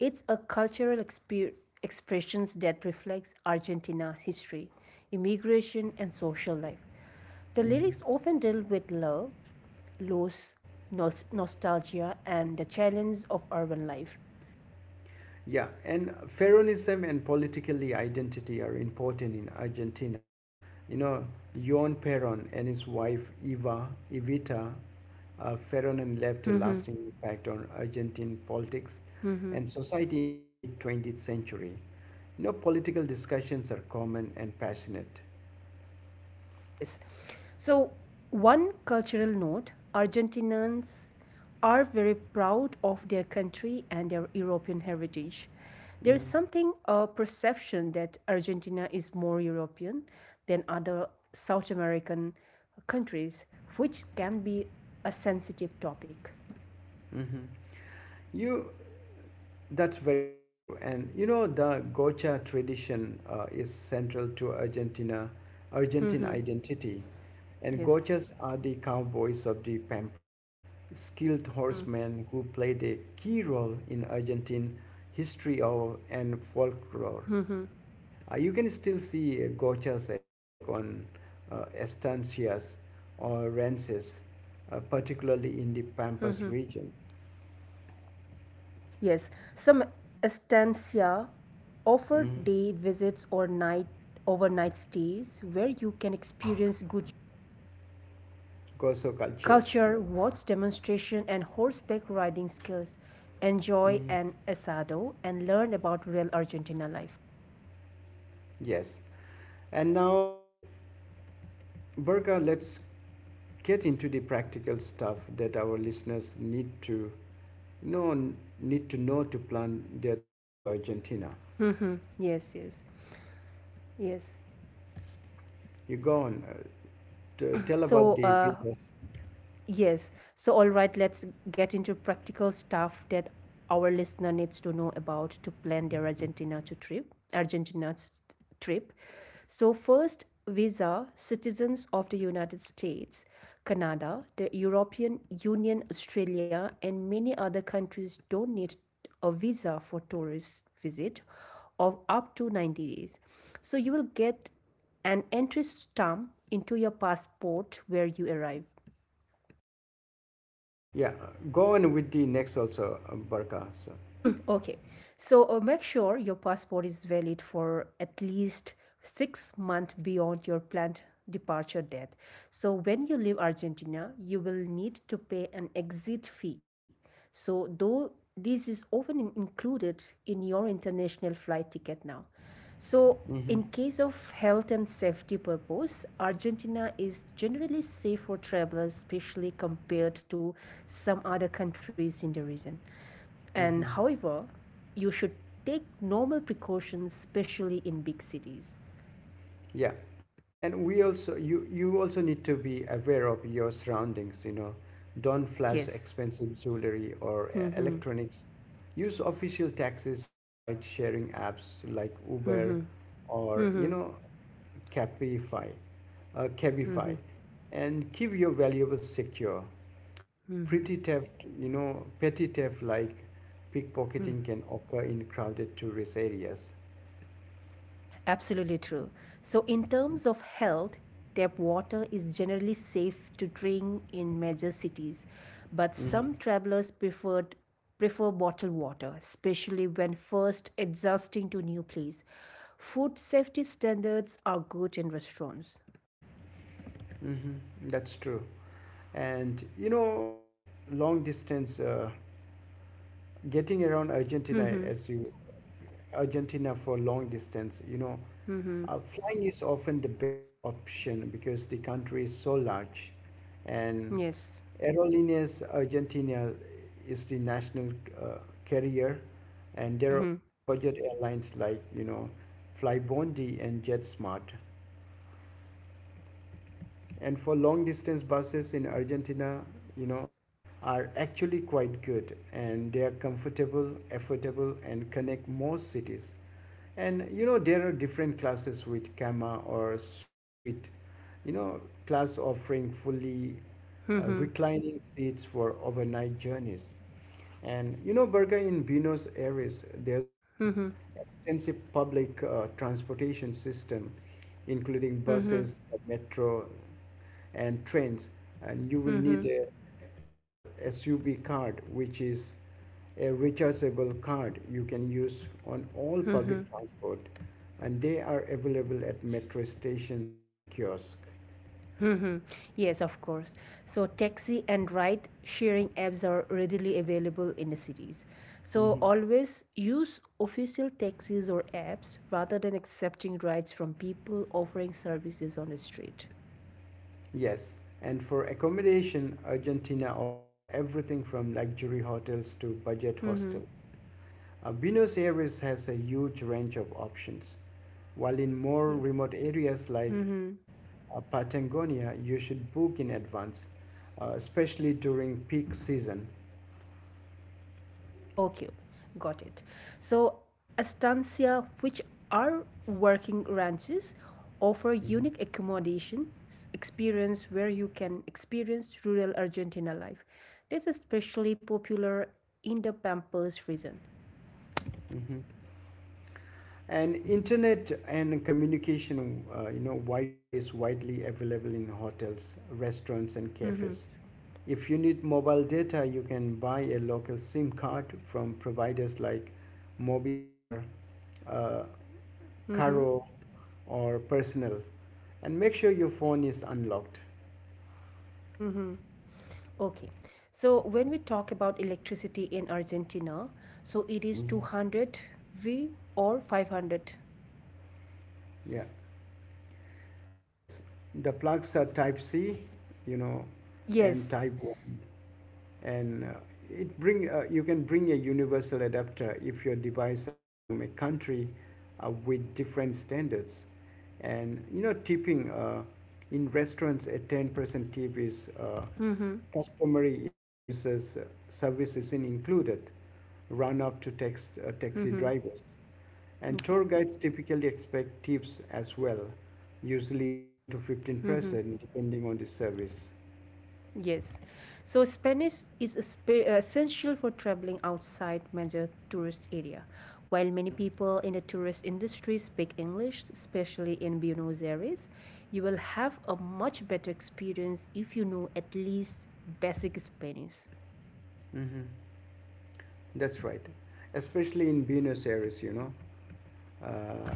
Speaker 2: It's a cultural expressions that reflects Argentina's history, immigration, and social life. The
Speaker 1: mhm.
Speaker 2: lyrics often deal with love, loss, nostalgia, and the challenge of urban life.
Speaker 1: Yeah, and Peronism and politically identity are important in Argentina. You know, Yon Peron and his wife Eva Evita Feronin left a lasting impact on Argentine politics and society in the mid 20th century. You know, political discussions are common and passionate.
Speaker 2: Yes. So, one cultural note, Argentinians are very proud of their country and their European heritage. There is something, a perception that Argentina is more European than other South American countries, which can be a sensitive topic.
Speaker 1: Mm-hmm. You, that's very true. And you know, the Gocha tradition is central to Argentine
Speaker 2: Hmm.
Speaker 1: identity. And
Speaker 2: Yes.
Speaker 1: Gochas are the cowboys of the Pampas, skilled
Speaker 2: Hmm.
Speaker 1: horsemen who played a key role in Argentine history and folklore. You can still see gochas at work on estancias or ranches, particularly in the Pampas region.
Speaker 2: Yes, some estancia offer
Speaker 1: Mhm.
Speaker 2: day visits or night overnight stays where you can experience good
Speaker 1: Gozo culture.
Speaker 2: culture, watch demonstration and horseback riding skills, enjoy
Speaker 1: Mhm.
Speaker 2: an asado and learn about real Argentina life.
Speaker 1: Yes. And now, Berka, let's get into the practical stuff that our listeners know need to know to plan their trip to Argentina.
Speaker 2: Yes, yes. Yes.
Speaker 1: You go on. Tell about
Speaker 2: So,
Speaker 1: the visas.
Speaker 2: yes. So, all right, let's get into practical stuff that our listener needs to know about to plan their Argentina to trip. Argentina's trip. So, first, visa citizens of the United States, Canada, the European Union, Australia, and many other countries don't need a visa for tourist visit of up to 90 days. So, you will get an entry stamp into your passport where you arrive.
Speaker 1: Yeah, go on with the next also, Berka. So.
Speaker 2: Okay. So make sure your passport is valid for at least 6 months beyond your planned departure date. So when you leave Argentina, you will need to pay an exit fee. So though this is often included in your international flight ticket now. So in
Speaker 1: Hmm.
Speaker 2: case of health and safety purpose, Argentina is generally safe for travelers, especially compared to some other countries in the region. And
Speaker 1: Hmm.
Speaker 2: however, you should take normal precautions, especially in big cities.
Speaker 1: Yeah, and we also you also need to be aware of your surroundings. You know, don't flash
Speaker 2: Yes.
Speaker 1: expensive jewelry or
Speaker 2: Mm-hmm.
Speaker 1: electronics. Use official taxis or ride-sharing apps like Uber
Speaker 2: Mm-hmm.
Speaker 1: or
Speaker 2: Mm-hmm.
Speaker 1: Cabify, uh,
Speaker 2: Mm-hmm.
Speaker 1: Cabify, and keep your valuables secure. Petty theft like pickpocketing can occur in crowded tourist areas.
Speaker 2: Absolutely true. So, in terms of health, tap water is generally safe to drink in major cities, but
Speaker 1: Mm-hmm.
Speaker 2: some travelers prefer bottled water, especially when first adjusting to new place. Food safety standards are good in restaurants.
Speaker 1: Mm-hmm. That's true. And long distance, getting around Argentina
Speaker 2: Mm-hmm.
Speaker 1: as you Argentina for long distance,
Speaker 2: Mm-hmm.
Speaker 1: flying is often the best option because the country is so large, and
Speaker 2: Yes.
Speaker 1: Aerolíneas Argentina is the national uh, carrier, and there are
Speaker 2: Mm-hmm.
Speaker 1: also budget airlines like Flybondi and JetSmart. And for long distance buses in Argentina, you know, are actually quite good, and they are comfortable, affordable, and connect most cities. And you know, there are different classes with Kama or Suite, you know, class offering fully
Speaker 2: Mhm.
Speaker 1: reclining seats for overnight journeys. And you know, Berga in Buenos Aires, there's an
Speaker 2: Mhm.
Speaker 1: extensive public transportation system, including
Speaker 2: Mhm.
Speaker 1: buses, the metro, and trains, and you will need
Speaker 2: Mhm.
Speaker 1: a SUB card, which is a rechargeable card you can use on all public
Speaker 2: Mhm.
Speaker 1: transport, and they are available at metro stations and kiosks.
Speaker 2: Mhm. Yes, of course. So taxi and ride sharing apps are readily available in the cities. So
Speaker 1: Mhm.
Speaker 2: always use official taxis or apps rather than accepting rides from people offering services on the street.
Speaker 1: Yes, and for accommodation, Argentina offers everything from luxury hotels to budget
Speaker 2: Mhm.
Speaker 1: hostels. Buenos Aires has a huge range of options, while in more
Speaker 2: Yes.
Speaker 1: remote areas like,
Speaker 2: Mhm.
Speaker 1: Patagonia, you should book in advance, especially during peak season.
Speaker 2: Okay, got it. So, estancia, which are working ranches, offer
Speaker 1: Mhm.
Speaker 2: unique accommodation experience where you can experience rural Argentina life. This is especially popular in the Pampas region.
Speaker 1: Mhm. And internet and communication, Wi-Fi is widely available in hotels, restaurants, and
Speaker 2: Hmm.
Speaker 1: cafes. If you need mobile data, you can buy a local SIM card from providers like Mobistar, uh,
Speaker 2: Hmm.
Speaker 1: Caro, or Personal, and make sure your phone is unlocked.
Speaker 2: Hmm. Okay, so when we talk about electricity in Argentina, so it is
Speaker 1: Mhm.
Speaker 2: 200 V or 500.
Speaker 1: Yeah. Yes, the plugs are Type C, you know, and
Speaker 2: Yes.
Speaker 1: Type one, and it bring you can bring a universal adapter if your device are from a country with different standards. And you know, tipping in restaurants, a 10% tip is
Speaker 2: Hmm.
Speaker 1: customary if service isn't included. Run up to taxi
Speaker 2: Hmm.
Speaker 1: drivers. And
Speaker 2: Okay.
Speaker 1: tour guides typically expect tips as well, usually 10 to
Speaker 2: Mm-hmm.
Speaker 1: 15% depending on the service.
Speaker 2: Yes. So Spanish is essential for traveling outside major tourist area. While
Speaker 1: Yeah,
Speaker 2: many people in the tourist industry speak English, especially in Buenos Aires, you will have a much better experience if you know at least basic Spanish.
Speaker 1: mm-hmm. That's right. Especially in Buenos Aires, you know. Uh,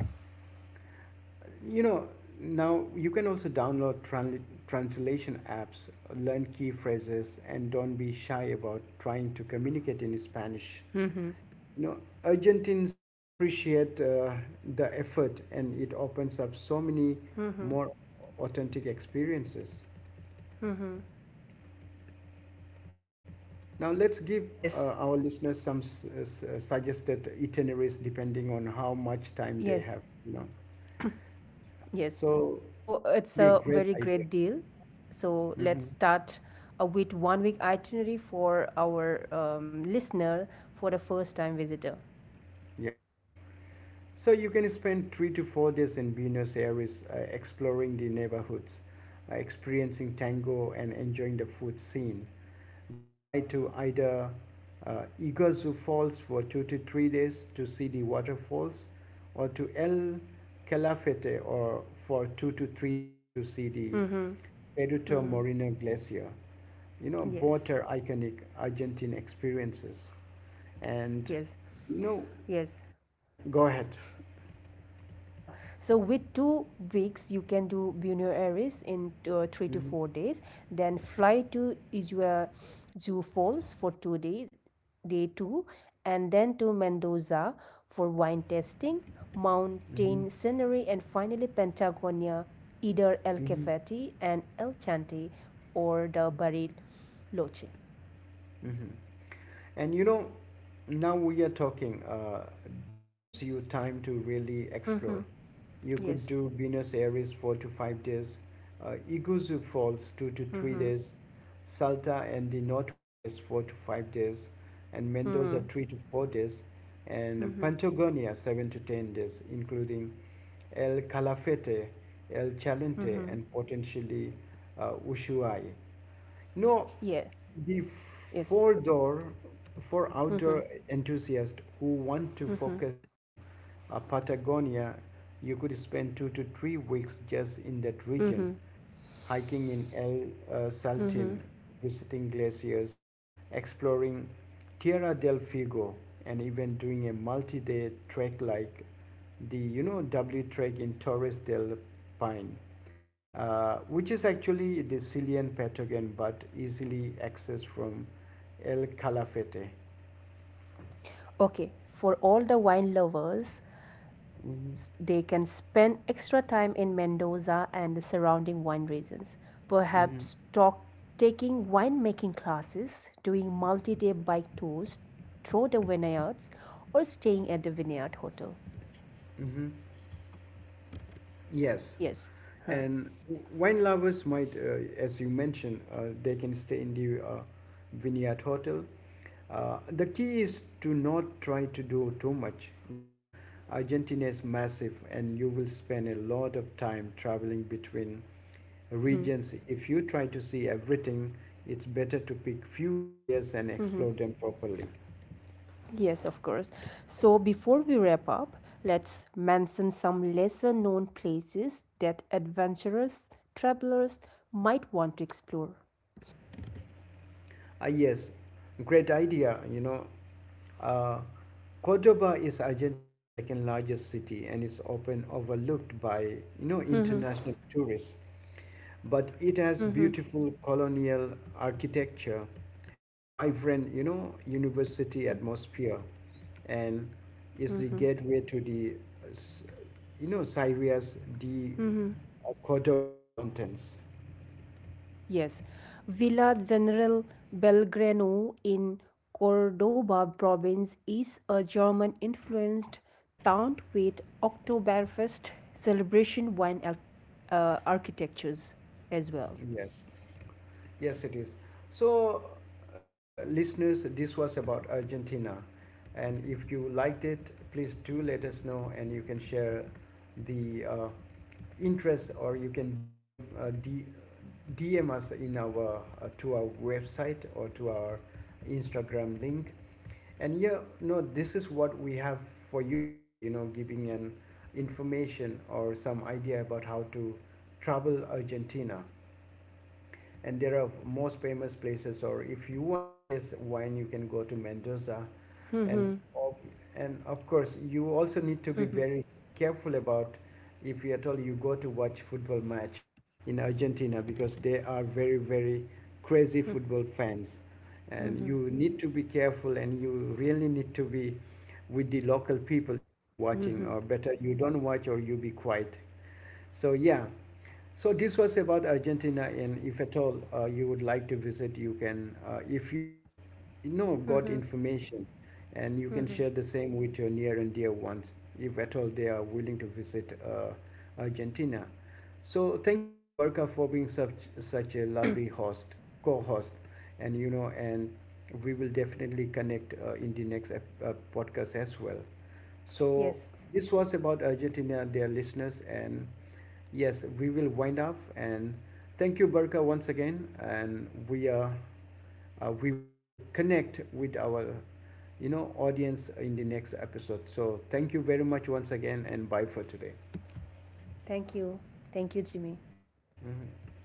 Speaker 1: you know, now you can also download translation apps, learn key phrases, and don't be shy about trying to communicate in Spanish.
Speaker 2: Mhm.
Speaker 1: You know, Argentines appreciate the effort, and it opens up so many
Speaker 2: Mhm.
Speaker 1: more authentic experiences.
Speaker 2: Mhm.
Speaker 1: Now, let's give
Speaker 2: Yes.
Speaker 1: our listeners some suggested itineraries depending on how much time they
Speaker 2: Yes.
Speaker 1: have, you know.
Speaker 2: Yes.
Speaker 1: So,
Speaker 2: So
Speaker 1: this will
Speaker 2: it's
Speaker 1: be a
Speaker 2: a
Speaker 1: great
Speaker 2: very
Speaker 1: idea.
Speaker 2: great deal. So
Speaker 1: Hmm.
Speaker 2: let's start with one week itinerary for our listener for the first time visitor.
Speaker 1: Yeah. So, you can spend 3 to 4 days in Buenos Aires exploring the neighborhoods, experiencing tango, and enjoying the food scene. Then fly to either Iguazu Falls for 2 to 3 days to see the waterfalls, or to El Calafate or for 2 to 3 days to see the
Speaker 2: Mm-hmm.
Speaker 1: Peruto
Speaker 2: Mm-hmm.
Speaker 1: Moreno Glacier. You know,
Speaker 2: Yes.
Speaker 1: both are iconic Argentine experiences. And
Speaker 2: Yes.
Speaker 1: you know,
Speaker 2: Yes.
Speaker 1: yeah, go ahead.
Speaker 2: Yeah, so with 2 weeks, you can do Buenos Aires in three to
Speaker 1: Hmm.
Speaker 2: four days, then fly to Iguazu Falls for 2 days, day two, and then to Mendoza for wine tasting,
Speaker 1: Hmm.
Speaker 2: mountain scenery, and finally Patagonia, either El
Speaker 1: Hmm.
Speaker 2: Cafeti and El Chante or the Bariloche.
Speaker 1: Hmm. And you know, now we are talking. This gives you time to really explore.
Speaker 2: Mm-hmm.
Speaker 1: You could
Speaker 2: Yes.
Speaker 1: do Buenos Aires 4 to 5 days, Iguazu Falls two to three
Speaker 2: Mm-hmm.
Speaker 1: days, Salta and the Northwest 4 to 5 days, and Mendoza
Speaker 2: Mm-hmm.
Speaker 1: 3 to 4 days, and
Speaker 2: Mm-hmm.
Speaker 1: Patagonia 7 to 10 days, including El Calafate, El Chalente,
Speaker 2: Mm-hmm.
Speaker 1: and potentially Ushuaia. No,
Speaker 2: Yeah.
Speaker 1: the
Speaker 2: Yes.
Speaker 1: four door for
Speaker 2: Mm-hmm.
Speaker 1: outdoor enthusiasts who want to
Speaker 2: Mm-hmm.
Speaker 1: focus on Patagonia, you could spend 2 to 3 weeks just in that region,
Speaker 2: Mm-hmm.
Speaker 1: hiking in El Saltin,
Speaker 2: Hmm.
Speaker 1: visiting glaciers, exploring Tierra del Fuego, and even doing a multi-day trek like the you know W trek in Torres del Paine, which is actually the Chilean Patagon but easily accessed from El Calafate.
Speaker 2: Okay, for all the wine lovers,
Speaker 1: Mm-hmm.
Speaker 2: they can spend extra time in Mendoza and the surrounding wine regions.
Speaker 1: Mm-hmm.
Speaker 2: Perhaps taking winemaking classes, doing multi day bike tours through the vineyards, or staying at the vineyard hotel.
Speaker 1: Mm-hmm. Yes.
Speaker 2: Yes. Huh.
Speaker 1: And wine lovers might, as you mentioned, they can stay in the vineyard hotel. The key is to not try to do too much. You know, Argentina is massive, and you will spend a lot of time traveling between
Speaker 2: Hmm.
Speaker 1: regions. If you try to see everything, it's better to pick few areas and explore them properly.
Speaker 2: Yes, of course. So before we wrap up, let's mention some lesser known places that adventurous travelers might want to explore.
Speaker 1: Ah, yes, great idea. You know, uh, Cordoba is Argentina's second largest city and is often overlooked by you know international tourists. But it has
Speaker 2: Mhm.
Speaker 1: beautiful colonial architecture, a vibrant you know university
Speaker 2: Mhm.
Speaker 1: atmosphere, and is the
Speaker 2: Mhm.
Speaker 1: gateway to the s- you know Syria's the
Speaker 2: Mhm.
Speaker 1: Cordoba Mountains.
Speaker 2: Yes, Villa General Belgrano in Cordoba province is a German influenced town with Oktoberfest celebration wine architectures as well.
Speaker 1: Yes. Yes, it is. So, dear listeners, this was about Argentina. And if you liked it, please do let us know, and you can share the interest, or you can DM us in our, to our website or to our Instagram link. And yeah, no, this is what we have for you today, you know, giving an information or some idea about how to travel Argentina, and there are most famous places, or if you want to taste wine, you can go to Mendoza,
Speaker 2: Mhm.
Speaker 1: and of, and of course you also need to be very careful about if you at all you go to watch football match in Argentina, because they are very very crazy football fans, and you need to be careful, and you really need to be with the local people if you're watching,
Speaker 2: Mhm.
Speaker 1: or better you don't watch or you be quiet. So yeah, so this was about Argentina, and if at all you would like to visit, you can. If you, you know, got information, and you can share the same with your near and dear ones, if at all they are willing to visit Argentina. So thank you, Burka, for being such a lovely host, co-host, and we will definitely connect in the next podcast as well. So
Speaker 2: Yes,
Speaker 1: this was about Argentina, dear listeners, and. Yes, we will wind up, and thank you, Barka, once again. And we are we will connect with our you know audience in the next episode. So thank you very much once again, and bye for today.
Speaker 2: thank you. Thank you, Jimmy.
Speaker 1: Mhm.